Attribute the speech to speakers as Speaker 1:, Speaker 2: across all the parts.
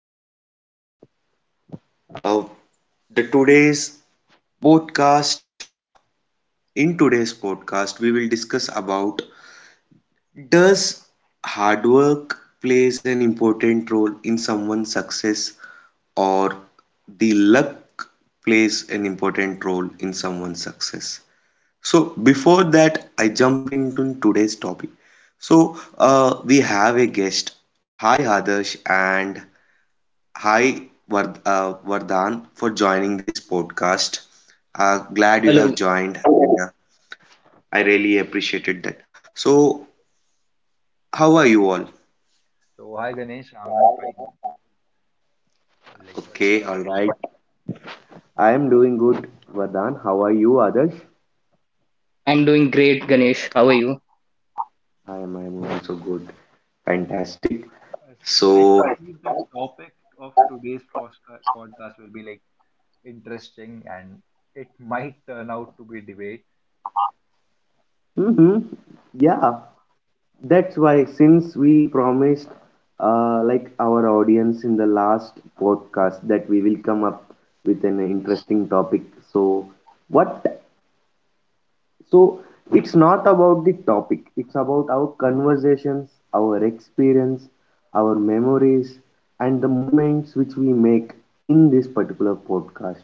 Speaker 1: evening to one and all. Uh, the today's podcast in today's podcast we will discuss about does hard work plays an important role in someone's success, or the luck plays an important role in someone's success? So before that I jump into today's topic. So we have a guest. Hi, Adarsh, and hi, Vardhan, for joining this podcast. Glad you have
Speaker 2: Hello,
Speaker 1: joined. Yeah, I really appreciated that. So, how are you all?
Speaker 3: So, hi Ganesh, I'm fine. Like, what,
Speaker 1: Okay,
Speaker 3: what
Speaker 1: all
Speaker 3: about
Speaker 1: right. I am doing good, Vardhan. How are you, Others?
Speaker 2: I'm doing great, Ganesh. How are you?
Speaker 1: I am also good. Fantastic.
Speaker 3: us? Ganesh, I
Speaker 1: So,
Speaker 3: believe the topic of today's podcast will be like interesting, and it might turn out to be debate.
Speaker 1: mm-hmm, yeah. That's why, since we promised, like, our audience in the last podcast, that we will come up with an interesting topic. So, what? So, it's not about the topic. It's about our conversations, our experience, our memories, and the moments which we make in this particular podcast.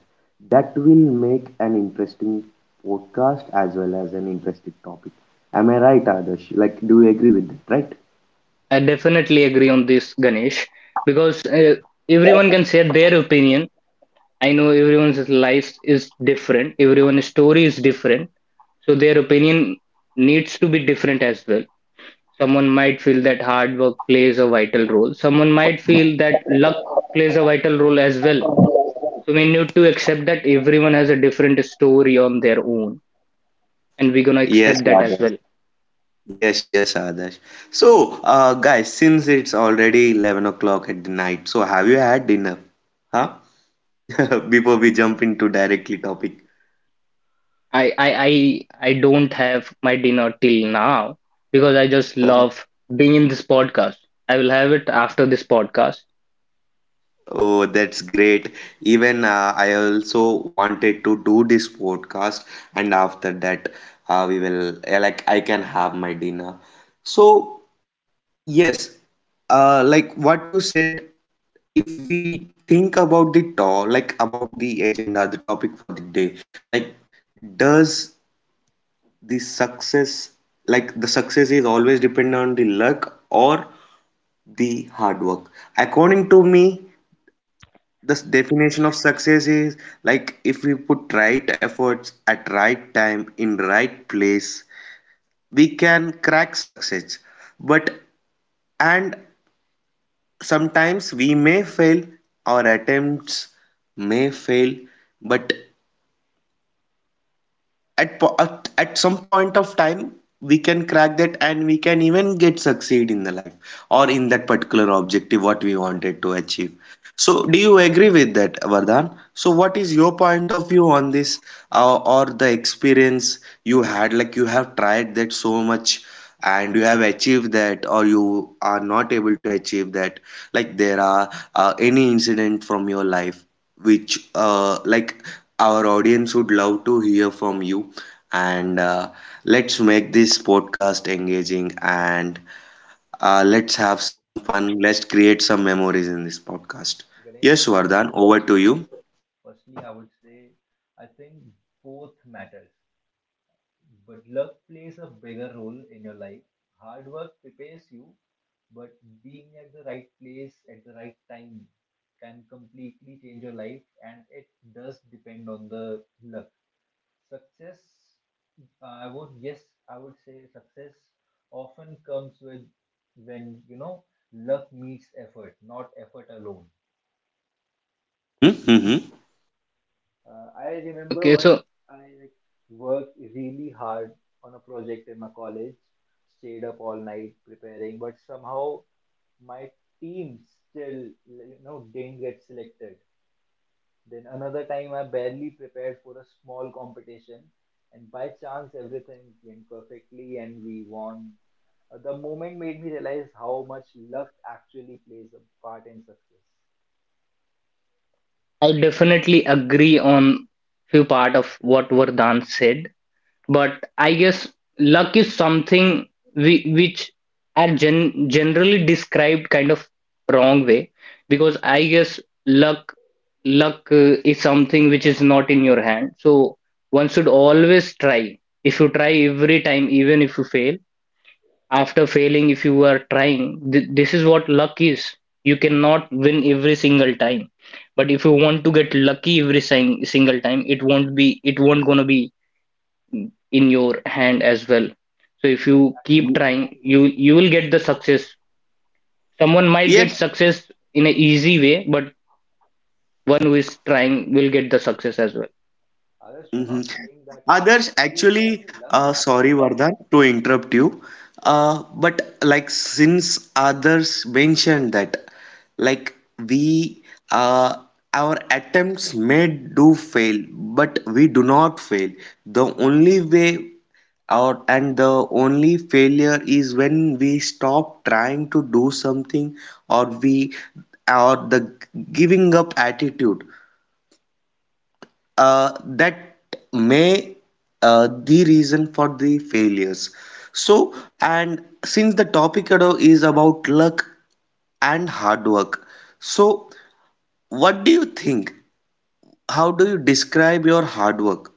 Speaker 1: That will make an interesting podcast as well as an interesting topic. Am I right, Adarsh? Like, do you agree with that? Right?
Speaker 2: I definitely agree on this, Ganesh, because everyone can share their opinion. I know everyone's life is different, everyone's story is different, so their opinion needs to be different as well. Someone might feel that hard work plays a vital role, someone might feel that luck plays a vital role as well. So we need to accept that everyone has a different story on their own, and we're gonna
Speaker 1: Yes,
Speaker 2: accept that as
Speaker 1: Adarsh.
Speaker 2: well.
Speaker 1: Yes, yes, Adarsh. So, guys, since it's already 11 o'clock at the night, so have you had dinner? Huh? Before we jump into directly topic.
Speaker 2: I, I I don't have my dinner till now because I just love being in this podcast. I will have it after this podcast.
Speaker 1: Oh, that's great. Even I also wanted to do this podcast, and after that, we will like, I can have my dinner. So, yes, like, what you said. If we think about the to- like about the agenda, the topic for the day, like, does the success, like, the success is always dependent on the luck or the hard work? According to me, the definition of success is, like, if we put right efforts at right time in right place, we can crack success, but and sometimes we may fail, our attempts may fail, but at, po- at some point of time we can crack that, and we can even get succeed in the life or in that particular objective what we wanted to achieve. So, do you agree with that, Vardhan? So what is your point of view on this, or the experience you had? Like, you have tried that so much and you have achieved that, or you are not able to achieve that. Like, there are any incident from your life which, like, our audience would love to hear from you, and let's make this podcast engaging, and let's
Speaker 3: So,
Speaker 1: have some fun, let's create some memories in this podcast.
Speaker 3: Ganesh,
Speaker 1: Yes, Vardhan, over to you.
Speaker 3: firstly, I would say I think both matters. But luck plays a bigger role in your life. Hard work prepares you, but being at the right place at the right time can completely change your life, and it does depend on the luck. Success, uh, I would, yes, I would say success often comes with when, luck meets effort, not effort alone.
Speaker 1: Mm-hmm, mm-hmm.
Speaker 3: I remember
Speaker 2: Okay,
Speaker 3: once
Speaker 2: so
Speaker 3: I, worked really hard on a project in my college, stayed up all night preparing, but somehow my team still didn't get selected. Then another time I barely prepared for a small competition, and by chance everything went perfectly and we won. The moment made me realize how much luck actually plays a part in success.
Speaker 2: I definitely agree on few part of what Vardhan said. But I guess luck is something we, which are gen generally described kind of wrong way because I guess luck luck is something which is not in your hand. So one should always try. If you try every time, even if you fail, after failing, if you are trying, th this is what luck is. You cannot win every single time. But if you want to get lucky every sing single time, it won't gonna be in your hand as well, so if you
Speaker 3: Yeah, exactly,
Speaker 2: keep trying,
Speaker 3: exactly.
Speaker 2: you
Speaker 3: Anand.
Speaker 2: you will get the success. Someone
Speaker 3: Yeah,
Speaker 2: might
Speaker 1: Yes.
Speaker 2: get success in an easy way, but one who is trying will get the success as well.
Speaker 3: Others, we're
Speaker 1: Mm-hmm.
Speaker 3: not saying that
Speaker 1: Others,
Speaker 3: only,
Speaker 1: actually,
Speaker 3: only luck matters.
Speaker 1: sorry, Vardhan, to interrupt you, but, like, since others mentioned that, like, we, uh, our attempts may do fail, but we do not fail. The only way out and the only failure is when we stop trying to do something, or we or the giving up attitude, that may the reason for the failures. So, and since the topic at all is about luck and hard work, so what do you think? How do you describe your hard work,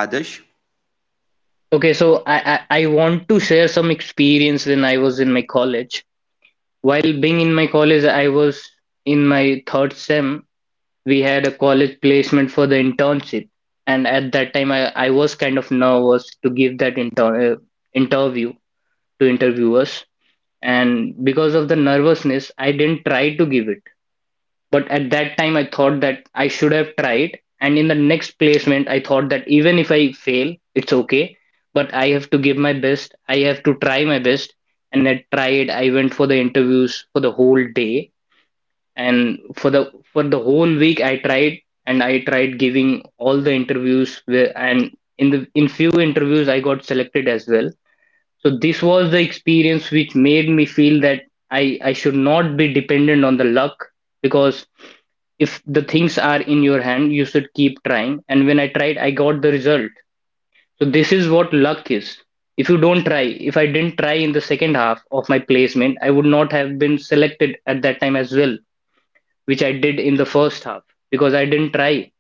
Speaker 1: Adesh?
Speaker 2: Okay, so I want to share some experience when I was in my college. While being in my college, I was in my third sem. We had a college placement for the internship, and at that time I was kind of nervous to give that interview to interviewers, and because of the nervousness I didn't try to give it. But at that time I thought that I should have tried, and in the next placement I thought that even if I fail it's okay, but I have to give my best, I have to try my best. And I tried, I went for the interviews for the whole day, and for the whole week I tried, and I tried giving all the interviews where, and in the in few interviews I got selected as well. So this was the experience which made me feel that I should not be dependent on the luck, because if the things are in your hand, you should keep trying. And when I tried, I got the result. So this is what luck is. If you don't try, if I didn't try in the second half of my placement, I would not have been selected at that time as well, which I did in the first half because I didn't try,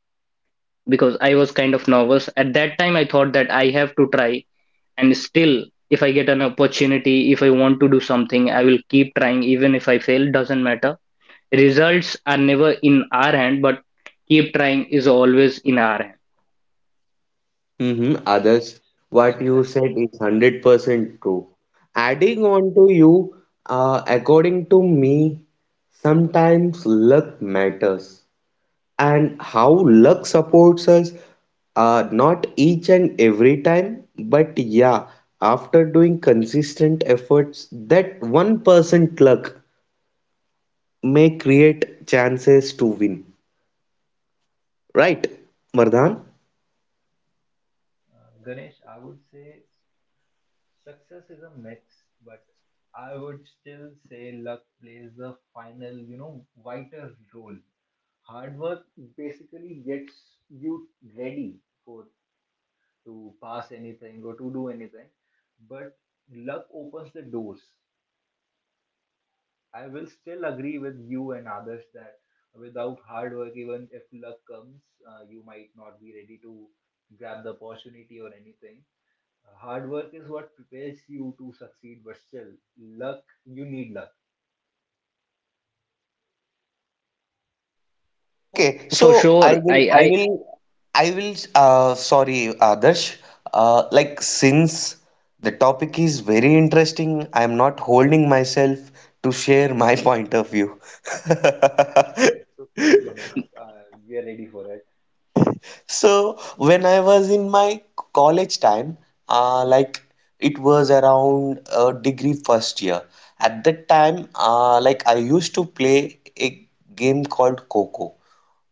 Speaker 2: because I was kind of nervous. At that time, I thought that I have to try, and still, if I get an opportunity, if I want to do something, I will keep trying, even if I fail, doesn't matter. Results are never in our hand, but keep trying is always in our hand.
Speaker 1: Mm-hmm. Others, what
Speaker 3: Ganesh
Speaker 1: you
Speaker 3: are
Speaker 1: said is
Speaker 3: completely with
Speaker 1: 100% true.
Speaker 3: others.
Speaker 1: Adding on to you, according to me, sometimes luck matters, and how luck supports us, not each and every time, but yeah, after doing consistent efforts that 1% luck may create chances to win, right, Mardhan?
Speaker 3: Ganesh, I would say success is a mix, but I would still say luck plays the final, vital role. Hard work basically gets you ready for to pass anything or to do anything, but luck opens the doors. I will still agree with you and others that without hard work, even if luck comes, you might not be ready to grab the opportunity or anything. Hard work is what prepares you to succeed, but still, luck, you need luck.
Speaker 1: Okay,
Speaker 2: For
Speaker 1: so
Speaker 2: sure, I
Speaker 1: I will, sorry, Adarsh. Like, since the topic is very interesting, I am not holding myself to share my point of view.
Speaker 3: That's okay. It's okay, Ganesh. We are ready for it.
Speaker 1: So when I was in my college time, like, it was around degree first year. At that time, like, I used to play a game called Coco.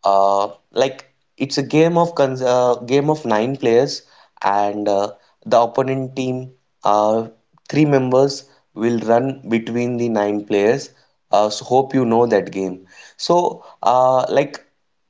Speaker 1: Like, it's a game of cons game of nine players, and the opponent team, uh, three members, will run between the nine players. So, hope you know that game. So like,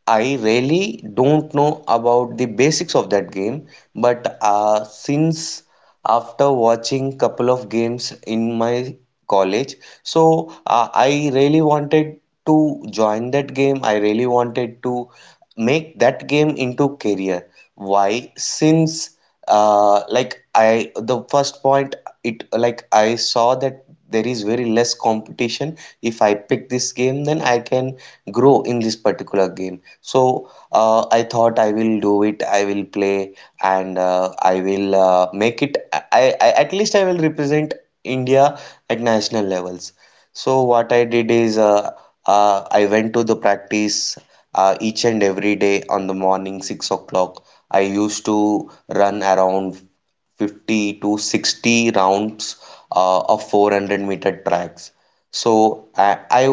Speaker 1: I really don't know about the basics of that game, but since, after watching couple of games in my college. So I really wanted to join that game. I really wanted to make that game into career. Why? Since, like, I, the first point, it, like, I saw that there is very less competition. If I pick this game, then I can grow in this particular game. So I thought I will do it. I will play and I will make it. I At least I will represent India at national levels. So what I did is, I went to the practice each and every day on the morning 6 o'clock. I used to run around 50 to 60 rounds of 400-meter tracks. So I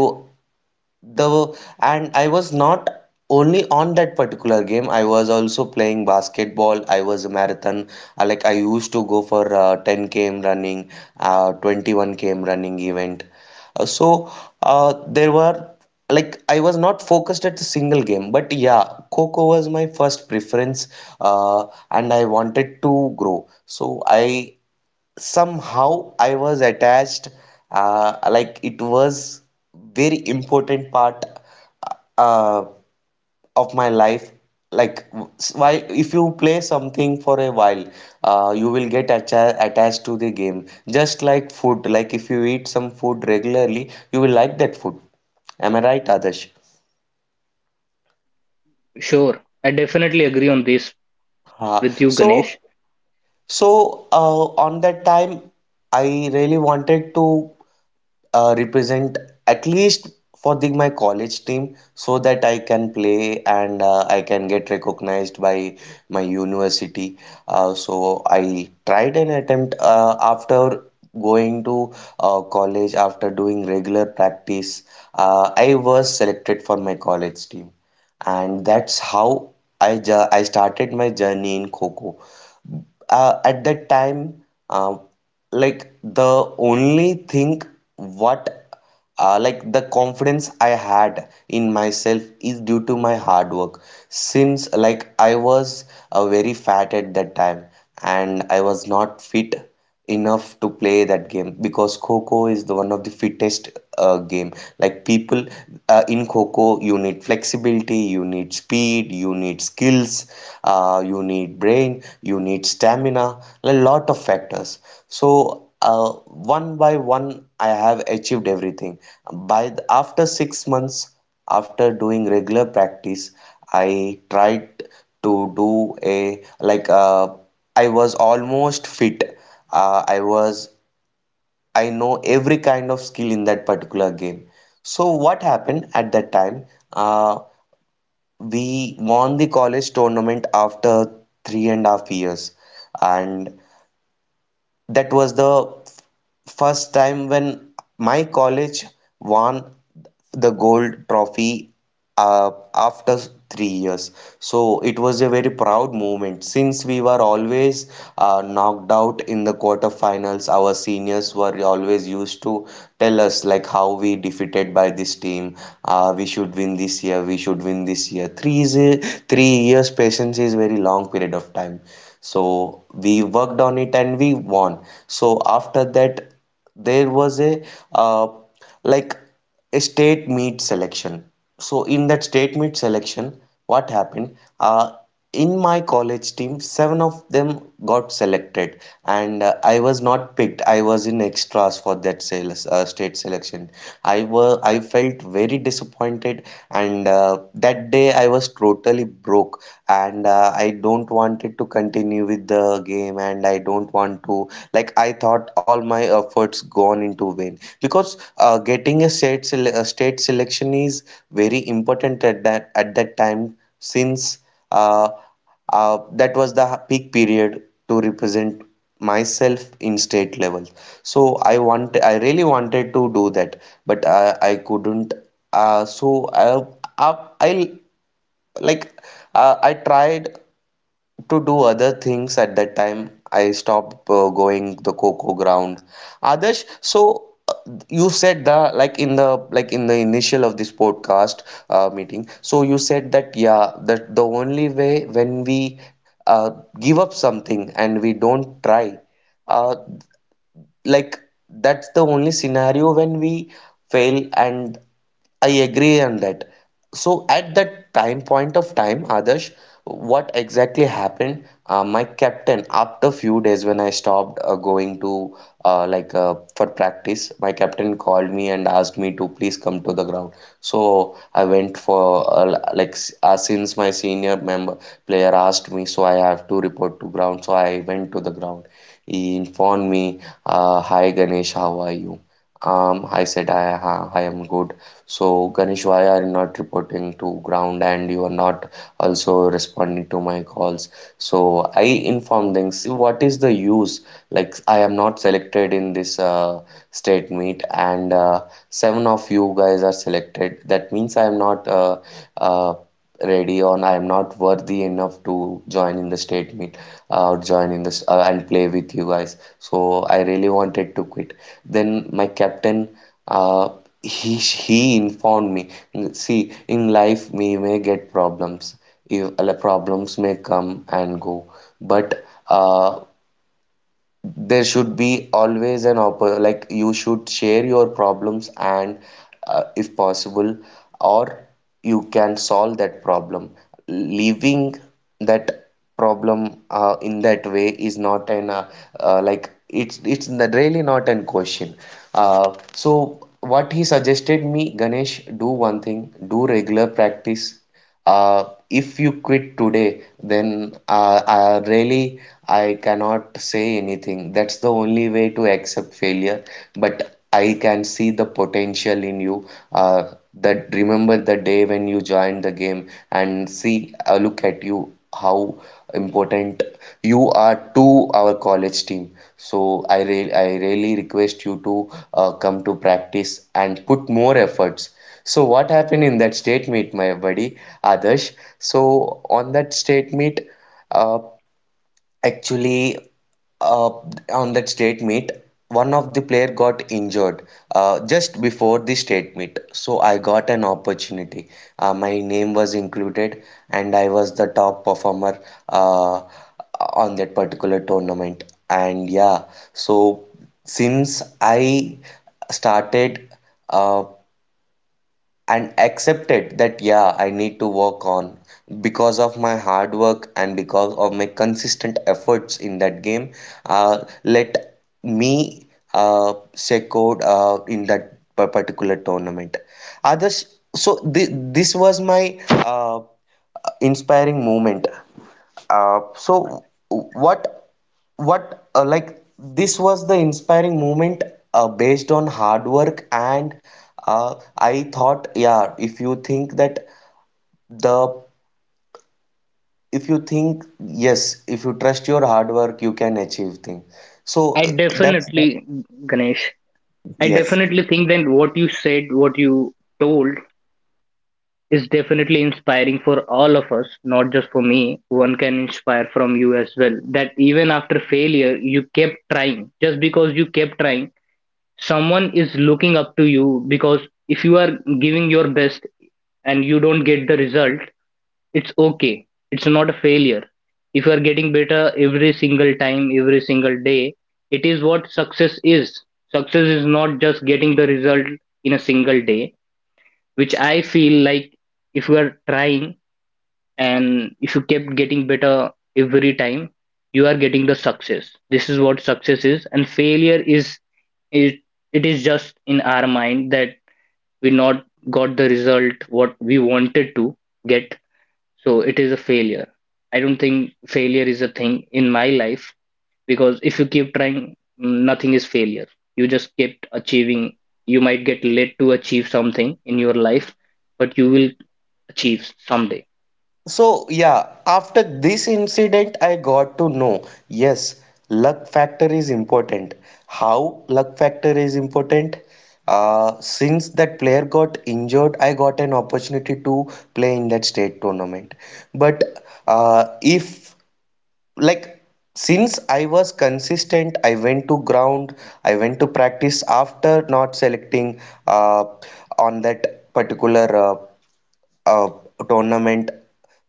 Speaker 1: the and I was not only on that particular game. I was also playing basketball. I was a marathon. Like, I used to go for 10 km running, 21 km running event. So there were, like, I was not focused at the single game, but yeah, Coco was my first preference, and I wanted to grow. So I somehow I was attached, like, it was very important part uh, of my life. Like, while, if you play something for a while, you will get attached to the game. Just like food, like if you eat some food regularly, you will like that food. Am I right, Adarsh?
Speaker 2: sure, I definitely agree on this
Speaker 1: Uh,
Speaker 2: with you,
Speaker 1: so
Speaker 2: Ganesh.
Speaker 1: so, on that time, I really wanted to represent at least for the my college team so that I can play, and I can get recognized by my university. So I tried an attempt after going to college, after doing regular practice. I was selected for my college team, and that's how I started my journey in Coco. At that time, uh, like, the only thing, what, like, the confidence I had in myself is due to my hard work, since, like, I was very fat at that time and I was not fit enough to play that game, because Coco is the one of the fittest game. Like, people, in Coco, you need flexibility, you need speed, you need skills, you need brain, you need stamina, a lot of factors. So one by one, I have achieved everything. By after 6 months, after doing regular practice, I tried to do a, I was almost fit, uh, i was I know every kind of skill in that particular game. So what happened at that time? uh, we won the college tournament after 3.5 years, and that was the first time when my college won the gold trophy, after 3 years. So it was a very proud moment, since we were always knocked out in the quarterfinals. Our seniors were always used to tell us, like, how we defeated by this team. We should win this year. We should win this year. Three years patience is very long period of time. So we worked on it, and we won. So after that, there was a, uh, like a state meet selection. So in that state meet selection, what happened? In my college team, seven of them got selected, and I was not picked. I was in extras for that state selection. I felt very disappointed, and that day I was totally broke, and I don't want it to continue with the game, and I don't want to, like, I thought all my efforts gone into vain, because getting a state selection is very important at that time, since, uh, that was the peak period to represent myself in state level. So I really wanted to do that, but I couldn't. So, I like, I tried to do other things at that time. I stopped going the coco ground. Adarsh, so, you said, the, like in the, like in the initial of this podcast, meeting. So you said that, yeah, that the only way when we, uh, give up something and we don't try. Uh, like, that's the only scenario when we fail, and I agree on that. So at that time, point of time, Adarsh, what exactly happened? My captain, after few days, when I stopped going to, for practice, my captain called me and asked me to please come to the ground. So I went for, since my senior member player asked me, so I have to report to ground. So I went to the ground, he informed me, "Hi, Ganesh, how are you?" I said, I am good. So, Ganesh, why are you not reporting to ground and you are not also responding to my calls? So, I informed them, "See, what is the use? Like, I am not selected in this state meet, and seven of you guys are selected. That means I am not uh, ready on I am not worthy enough to join in the state meet or join in this and play with you guys. So I really wanted to quit. Then my captain, uh, he informed me, see, in life we may get problems. If, Problems may come and go, but there should be always an oppor like you should share your problems and if possible or you can solve that problem leaving that problem in that way is not an like it's really not an question. So what he suggested me, Ganesh, do one thing, do regular practice. uh, if you quit today, then really I cannot say anything. That's the only way to accept failure. But I can see the potential in you. That, remember the day when you joined the game and see, look at you, how important you are to our college team. So I really request you to come to practice and put more efforts. So what happened in that state meet, my buddy Adarsh? So on that state meet, uh, actually, uh, on that state meet, one of the player got injured just before the state meet. So I got an opportunity. My name was included, and I was the top performer uh, on that particular tournament. And yeah, so since I started. Uh, and accepted that, yeah, I need to work on because of my hard work and because of my consistent efforts in that game. uh, Let me secure in that particular tournament others. So this was my uh, inspiring moment. So what like this was the inspiring moment based on hard work. And I thought, yeah, if you think that the if you think yes if you trust your hard work, you can achieve things. So
Speaker 2: I
Speaker 1: that's the,
Speaker 2: definitely, Ganesh, I
Speaker 1: yes.
Speaker 2: definitely think that what you said, what you told is definitely inspiring for all of us, not just for me. One can inspire from you as well. That even after failure, you kept trying. Just because you kept trying, someone is looking up to you because if you are giving your best and you don't get the result, it's okay. It's not a failure. If you are getting better every single time, every single day, it is what success is. Success is not just getting the result in a single day, which I feel like if you are trying and if you kept getting better every time, you are getting the success. This is what success is, and failure is it, it is just in our mind that we not got the result what we wanted to get, so it is a failure. I don't think failure is a thing in my life because if you keep trying, nothing is failure. You just kept achieving. You might get led to achieve something in your life, but you will Chiefs someday.
Speaker 1: So, yeah, after this incident, I got to know yes, luck factor is important. How luck factor is important? Since that player got injured, I got an opportunity to play in that state tournament. But if, like, since I was consistent, I went to ground, I went to practice after not selecting uh, on that particular uh, tournament.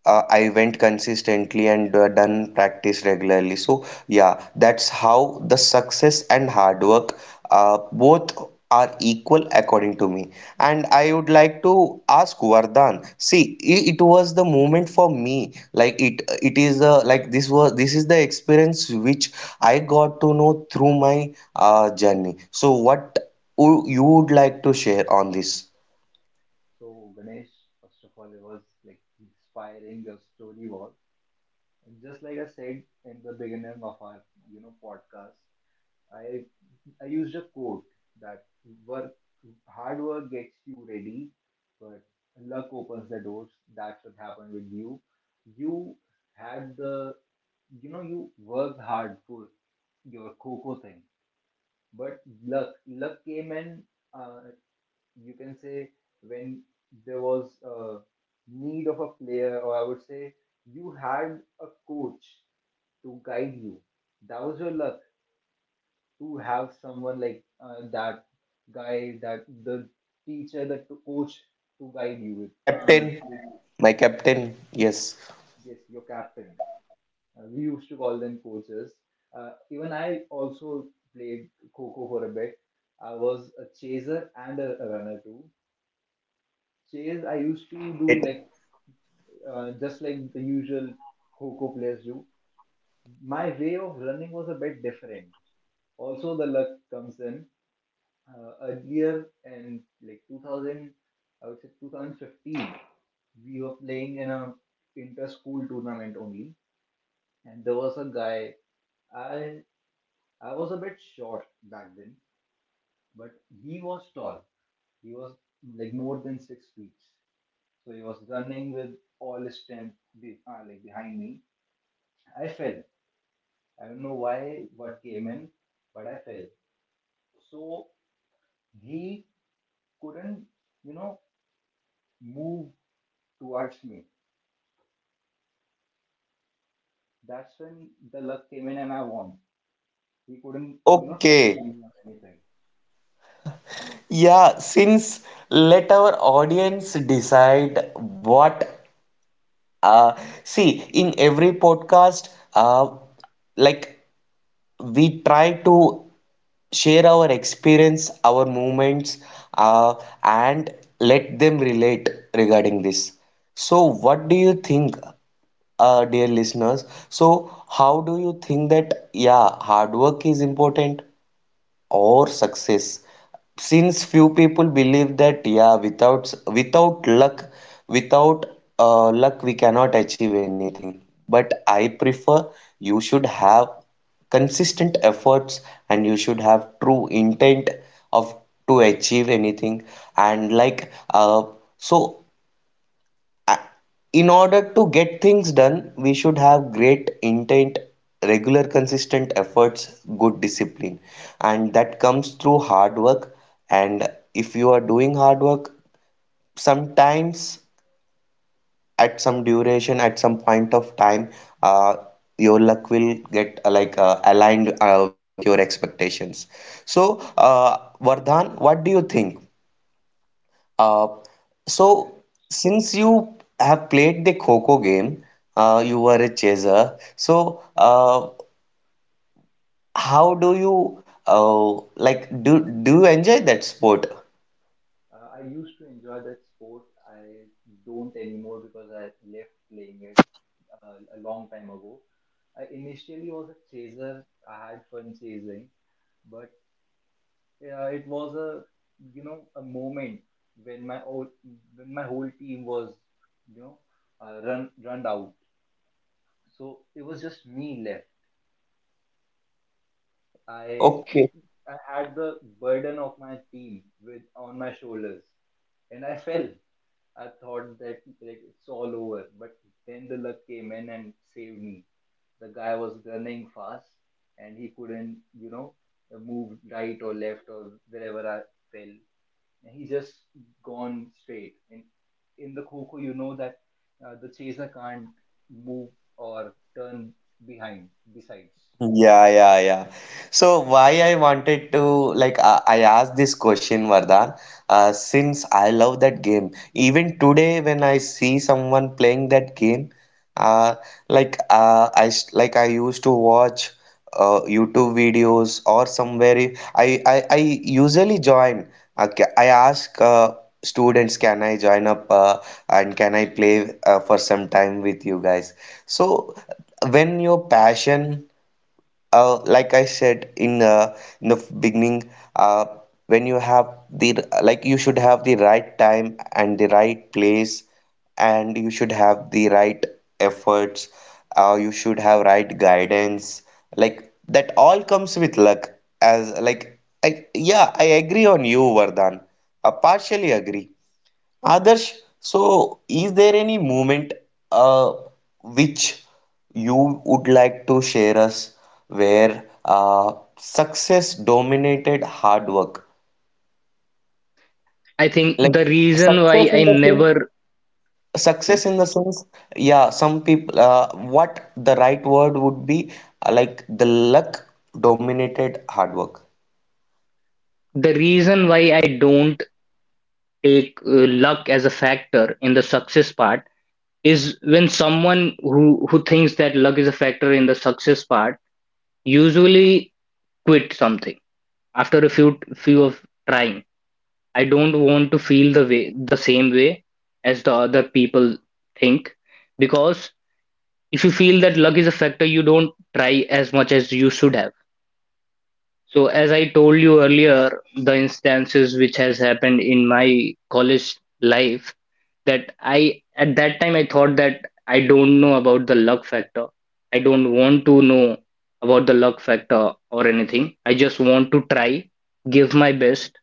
Speaker 1: I went consistently and done practice regularly. So yeah, that's how the success and hard work both are equal according to me. And I would like to ask Vardhan. See, it was the moment for me. Like it is like this was this is the experience which I got to know through my journey. So what you would like to share on this?
Speaker 3: So, Ganesh, first of all, it was like inspiring your story was. And just like I said in the beginning of our, podcast, I I used a quote that work hard work gets you ready, but luck opens the doors. That's what happened with you. You had the you worked hard for your coco thing, but luck came in. Uh, you can say when there was a need of a player, or I would say you had a coach to guide you. That was your luck to have someone like that guy, that the teacher, the coach to guide you
Speaker 1: My captain,
Speaker 3: with you.
Speaker 1: my captain, yes,
Speaker 3: Yes, your captain. We used to call them coaches. Even I also played Coco for a bit. I was a chaser and a runner too. Chase, I used
Speaker 1: that's a
Speaker 3: to
Speaker 1: great.
Speaker 3: do like just like the usual Coco players do. My way of running was a bit different. Also, the luck comes in. Earlier in, like, 2000, I would say 2015, we were playing in a inter school tournament only, and there was a guy. I i was a bit short back then, but he was tall. He was like more than 6 feet, so he was running with all his strength like behind me. I fell. I don't know why what came in, but I fell. So he couldn't, you know move towards me. That's when the luck came in and I won. He couldn't, touch
Speaker 1: Okay,
Speaker 3: me or anything.
Speaker 1: yeah, since let our audience decide what, uh, see, in every podcast, uh, like we try to share our experience, our moments, uh, and let them relate regarding this. So, what do you think, dear listeners? So, how do you think that, yeah, hard work is important or success? Since few people believe that, yeah, without luck, without luck, we cannot achieve anything. But I prefer you should have consistent efforts and you should have true intent of to achieve anything. And like, so in order to get things done, we should have great intent, regular, consistent efforts, good discipline, and that comes through hard work. And if you are doing hard work, sometimes at some duration, at some point of time, uh, your luck will get aligned with your expectations. So, Vardhan, what do you think? Uh, so,
Speaker 3: Ganesh,
Speaker 1: since you have played the Kho-Kho game, you were a chaser.
Speaker 3: yes.
Speaker 1: So, how do you enjoy that sport?
Speaker 3: I used to enjoy that sport. I don't anymore because I left playing it a long time ago. I initially was a chaser. I had fun chasing, but it was a, a moment when my old, when my whole team was, you know, run out. So it was just me left. I
Speaker 1: Okay.
Speaker 3: I had the burden of my team with on my shoulders, and I fell. I thought that like it's all over, but then the luck came in and saved me. The guy was running fast, and he couldn't, move right or left or wherever I fell. And he just gone straight. And in the kho you know that the chaser can't move or turn behind. Besides,
Speaker 1: Yeah, yeah, yeah. So why I wanted to like I asked this question, Vardhan, since I love that game. Even today, when I see someone playing that game, uh, like I s- like I used to watch YouTube videos or somewhere. I usually join. Okay, I ask students, can I join up and can I play for some time with you guys? So when your passion like I said in the beginning, uh, when you have the like you should have the right time and the right place, and you should have the right efforts. You should have right guidance. Like that all comes with luck. As like I yeah, I agree on you, Vardhan. I partially agree. Adarsh, so is there any moment uh, which you would like to share us where success dominated hard work?
Speaker 2: I think
Speaker 1: Like
Speaker 2: the reason
Speaker 1: success
Speaker 2: why I
Speaker 1: in the
Speaker 2: never,
Speaker 1: sense,
Speaker 2: okay,
Speaker 1: success in the sense, yeah, some people, what the right word would be, like the luck dominated hard work.
Speaker 2: The reason why I don't take luck as a factor in the success part is when someone who thinks that luck is a factor in the success part usually quit something after a few of trying. I don't want to feel the same way as the other people think, because if you feel that luck is a factor, you don't try as much as you should have. So as I told you earlier, the instances which has happened in my college life, that I at that time I thought that I don't know about the luck factor. I don't want to know about the luck factor or anything. I just want to try, give my best,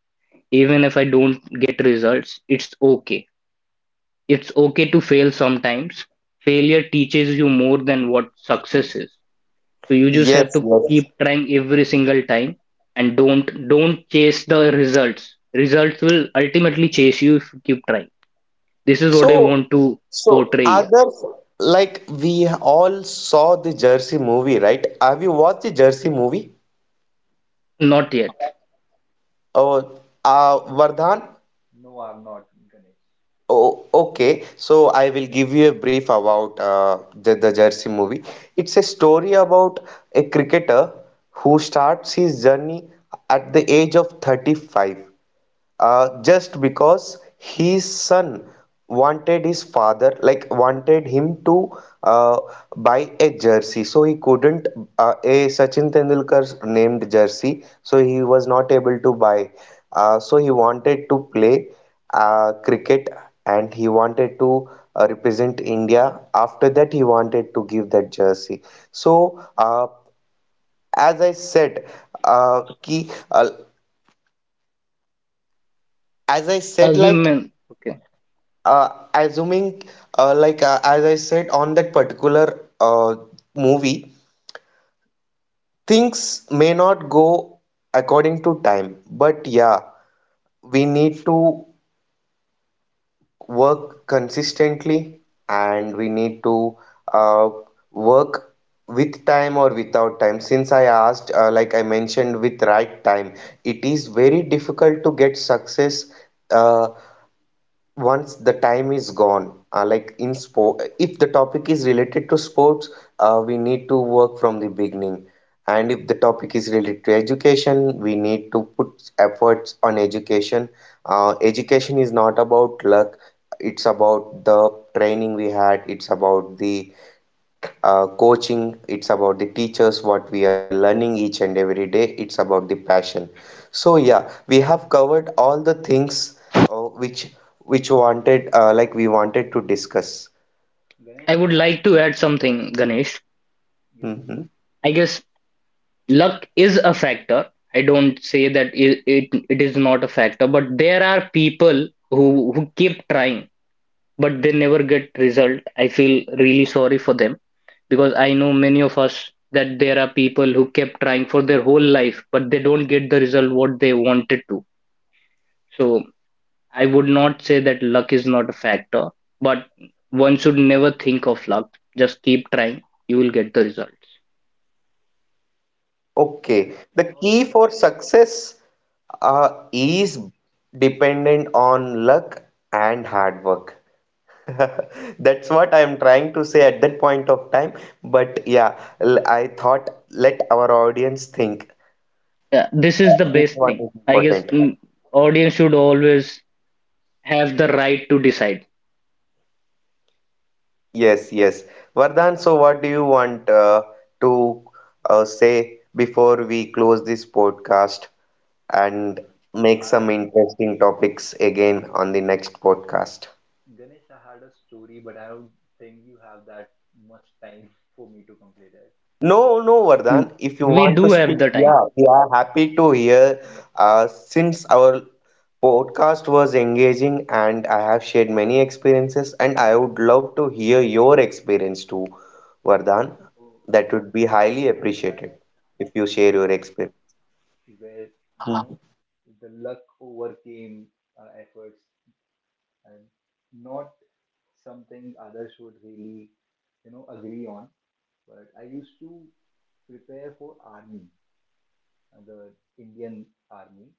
Speaker 2: even if I don't get results, it's okay. It's okay to fail sometimes. Failure teaches you more than what success is. So you just have
Speaker 1: Yes,
Speaker 2: to
Speaker 1: yes.
Speaker 2: keep trying every single time and don't chase the results. Results will ultimately chase you if you keep trying. This is what I
Speaker 1: So,
Speaker 2: want to
Speaker 1: so
Speaker 2: portray here.
Speaker 1: others like we all saw the Jersey movie, right? Have you watched the Jersey movie?
Speaker 2: Not yet.
Speaker 1: Oh, Vardhan.
Speaker 3: no, I'm not, Ganesh.
Speaker 1: Oh, okay. So I will give you a brief about the Jersey movie. It's a story about a cricketer who starts his journey at the age of 35. Just because his son wanted his father like wanted him to uh, buy a jersey so he couldn't, a Sachin Tendulkar named jersey, so he was not able to buy. So he wanted to play cricket and he wanted to represent India. After that he wanted to give that jersey. So as I said uh, ki, uh, as I said,
Speaker 2: As you
Speaker 1: like
Speaker 2: men okay.
Speaker 1: uh, assuming like as I said on that particular movie, things may not go according to time, but yeah, we need to work consistently and we need to uh, work with time or without time. Since I asked like I mentioned with right time, it is very difficult to get success uh, once the time is gone. Like in sport, if the topic is related to sports, we need to work from the beginning. And if the topic is related to education, we need to put efforts on education. Education is not about luck, it's about the training we had, it's about the coaching, it's about the teachers, what we are learning each and every day, it's about the passion. So yeah, we have covered all the things uh, which which wanted like we wanted to discuss.
Speaker 2: I
Speaker 3: Ganesh,
Speaker 2: would like to add something, Ganesh.
Speaker 3: you know,
Speaker 1: Hmm.
Speaker 2: I guess luck is a factor. I don't say that it is not a factor, but there are people who keep trying, but they never get result. I feel really sorry for them because I know many of us that there are people who kept trying for their whole life, but they don't get the result what they wanted to. So I would not say that luck is not a factor, but one should never think of luck. Just keep trying, you will get the results.
Speaker 1: Okay,
Speaker 3: Ganesh,
Speaker 1: the
Speaker 3: there was
Speaker 1: key
Speaker 3: there
Speaker 1: for
Speaker 3: was a
Speaker 1: success
Speaker 3: Ganesh.
Speaker 1: is dependent on luck and hard work. That's what I'm trying to say at that point of time. But yeah, I thought let our audience think.
Speaker 2: Yeah, this is the
Speaker 1: Which
Speaker 2: best
Speaker 1: one
Speaker 2: thing.
Speaker 1: is
Speaker 2: I guess
Speaker 1: important?
Speaker 2: mm, audience should always have the right to decide.
Speaker 1: Yes, yes. Vardhan, so what do you want to say before we close this podcast and make some
Speaker 3: I
Speaker 1: interesting topics again on the next podcast?
Speaker 3: Ganesh, I had a story, but I don't think you have that much time for me to complete it.
Speaker 1: No, no, Vardhan.
Speaker 2: Mm,
Speaker 1: If you
Speaker 2: we
Speaker 1: want to
Speaker 2: do
Speaker 1: speak,
Speaker 2: have the
Speaker 1: yeah,
Speaker 2: time.
Speaker 1: we are happy to hear. Since our podcast was engaging and I have shared many experiences, and I would love to hear your experience too, Vardhan.
Speaker 3: So
Speaker 1: That would be highly appreciated if you share
Speaker 3: there
Speaker 1: your
Speaker 3: was a
Speaker 1: experience.
Speaker 3: story where you know the luck overcame efforts, and not something others would really agree on. But I used to prepare for army, the Indian army.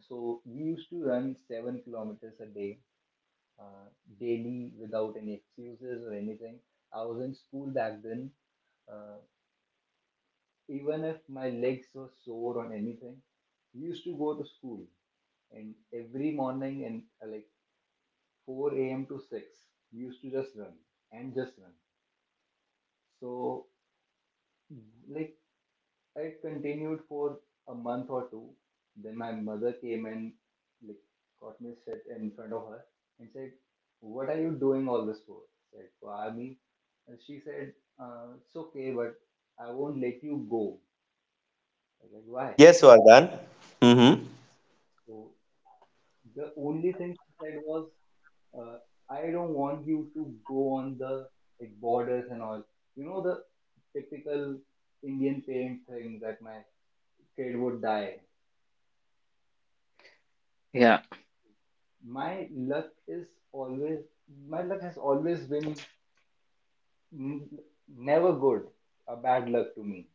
Speaker 3: So we used to run 7 kilometers a day uh, daily without any excuses or anything. I was in school back then. Uh, Even if my legs were sore or anything, we used to go to school. And every morning, and like 4 a.m. to 6, we used to just run and just run. So, like, it continued for a month or two. Then my mother came and like got me sit in front of her and said, "What are you doing all this for?" I said, "For army." And she said, "It's okay, but I won't let you go." I was like, "Why?"
Speaker 1: Yes, Vardhan. Mm-hmm.
Speaker 3: So the only thing she said was, uh, "I don't want you to go on the like borders and all." You know the typical Indian parent thing that my kid would die.
Speaker 2: Yeah.
Speaker 3: My luck is always my luck has always been n- never good, a bad luck to me.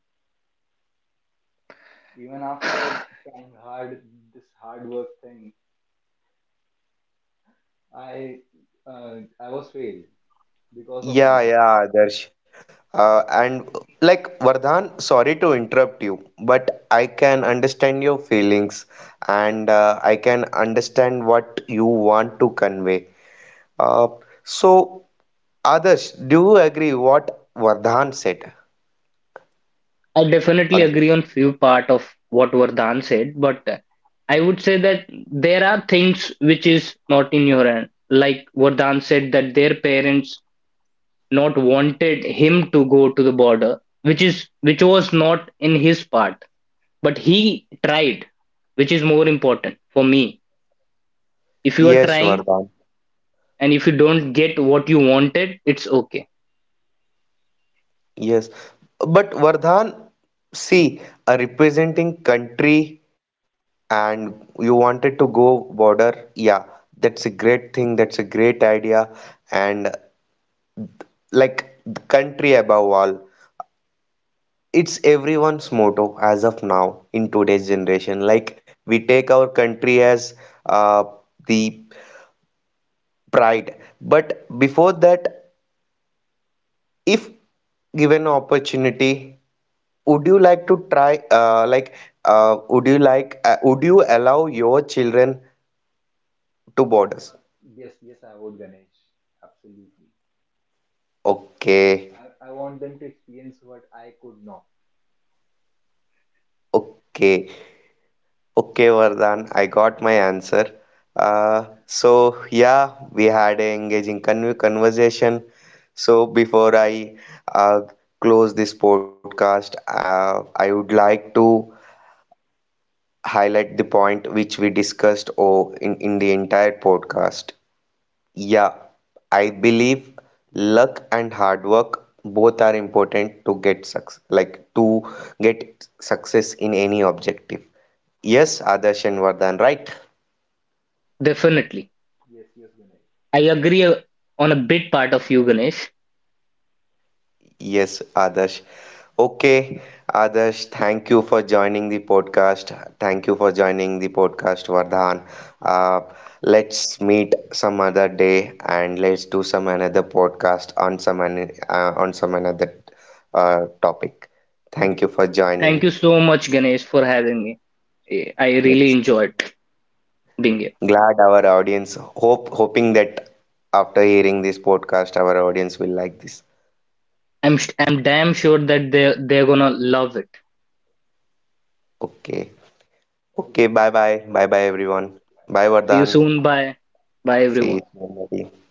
Speaker 3: Even after trying hard, this hard work thing, i I was failed because of my
Speaker 1: Yeah,
Speaker 3: luck.
Speaker 1: yeah, Adarsh. And like Vardhan, sorry to interrupt you, but I can understand your feelings and I can understand what you want to convey. Uh, so, Adarsh, do you agree what Vardhan said
Speaker 2: I definitely
Speaker 1: on
Speaker 2: agree on
Speaker 1: this?
Speaker 2: few part of what Vardhan said, but I would say that there are things which is not in your hand. Like Vardhan said that their parents not wanted him to go to the border, which is which was not in his part. But he tried, which is more important for me. If you are
Speaker 1: Yes,
Speaker 2: trying
Speaker 1: Vardhan.
Speaker 2: and if you don't get what you wanted, it's okay.
Speaker 1: Yes. But Vardhan, see, representing country and you wanted to go border, yeah, that's a great thing, that's a great idea. And like the country above all, it's everyone's motto as of now in today's generation. Like we take our country as uh, the pride, but before that, if given opportunity, would you like to try would you allow your children to borders?
Speaker 3: Uh, yes, yes I would, Ganesh, absolutely. It is-
Speaker 1: Okay.
Speaker 3: I want them to experience what I could not.
Speaker 1: Okay. Okay, Vardhan, I got my answer. So yeah, we had a engaging conversation. So before I uh, close this podcast, I would like to highlight the point which we discussed, oh, in the entire podcast. Yeah, I believe luck and hard work both are important to get success, like to get success in any objective. Yes, Adarsh and Vardhan, right?
Speaker 2: Definitely.
Speaker 3: Yes, yes, Ganesh,
Speaker 2: I agree on a big part of you, Ganesh.
Speaker 1: Yes, Adarsh. Okay, Adarsh, thank you for joining the podcast. Thank you for joining the podcast, Vardhan. Uh, let's meet some other day and let's do some another podcast on some on some another topic. Thank you for
Speaker 2: Thank
Speaker 1: joining.
Speaker 2: you so much, Ganesh, for having me. Eh, I
Speaker 3: thank you.
Speaker 2: really
Speaker 1: Yes.
Speaker 2: enjoyed being here.
Speaker 1: Glad our audience hope hoping that after hearing this podcast, our audience will like this.
Speaker 2: I'm
Speaker 3: Uh,
Speaker 2: sh- I'm damn sure that they're gonna love it.
Speaker 1: Okay. Okay,
Speaker 3: also
Speaker 1: bye bye.
Speaker 3: your
Speaker 1: Bye bye
Speaker 3: question
Speaker 1: everyone. Bye
Speaker 2: See you
Speaker 1: Vardhan.
Speaker 2: soon. Bye. Bye
Speaker 1: Sí, sí,
Speaker 2: everyone.
Speaker 1: lo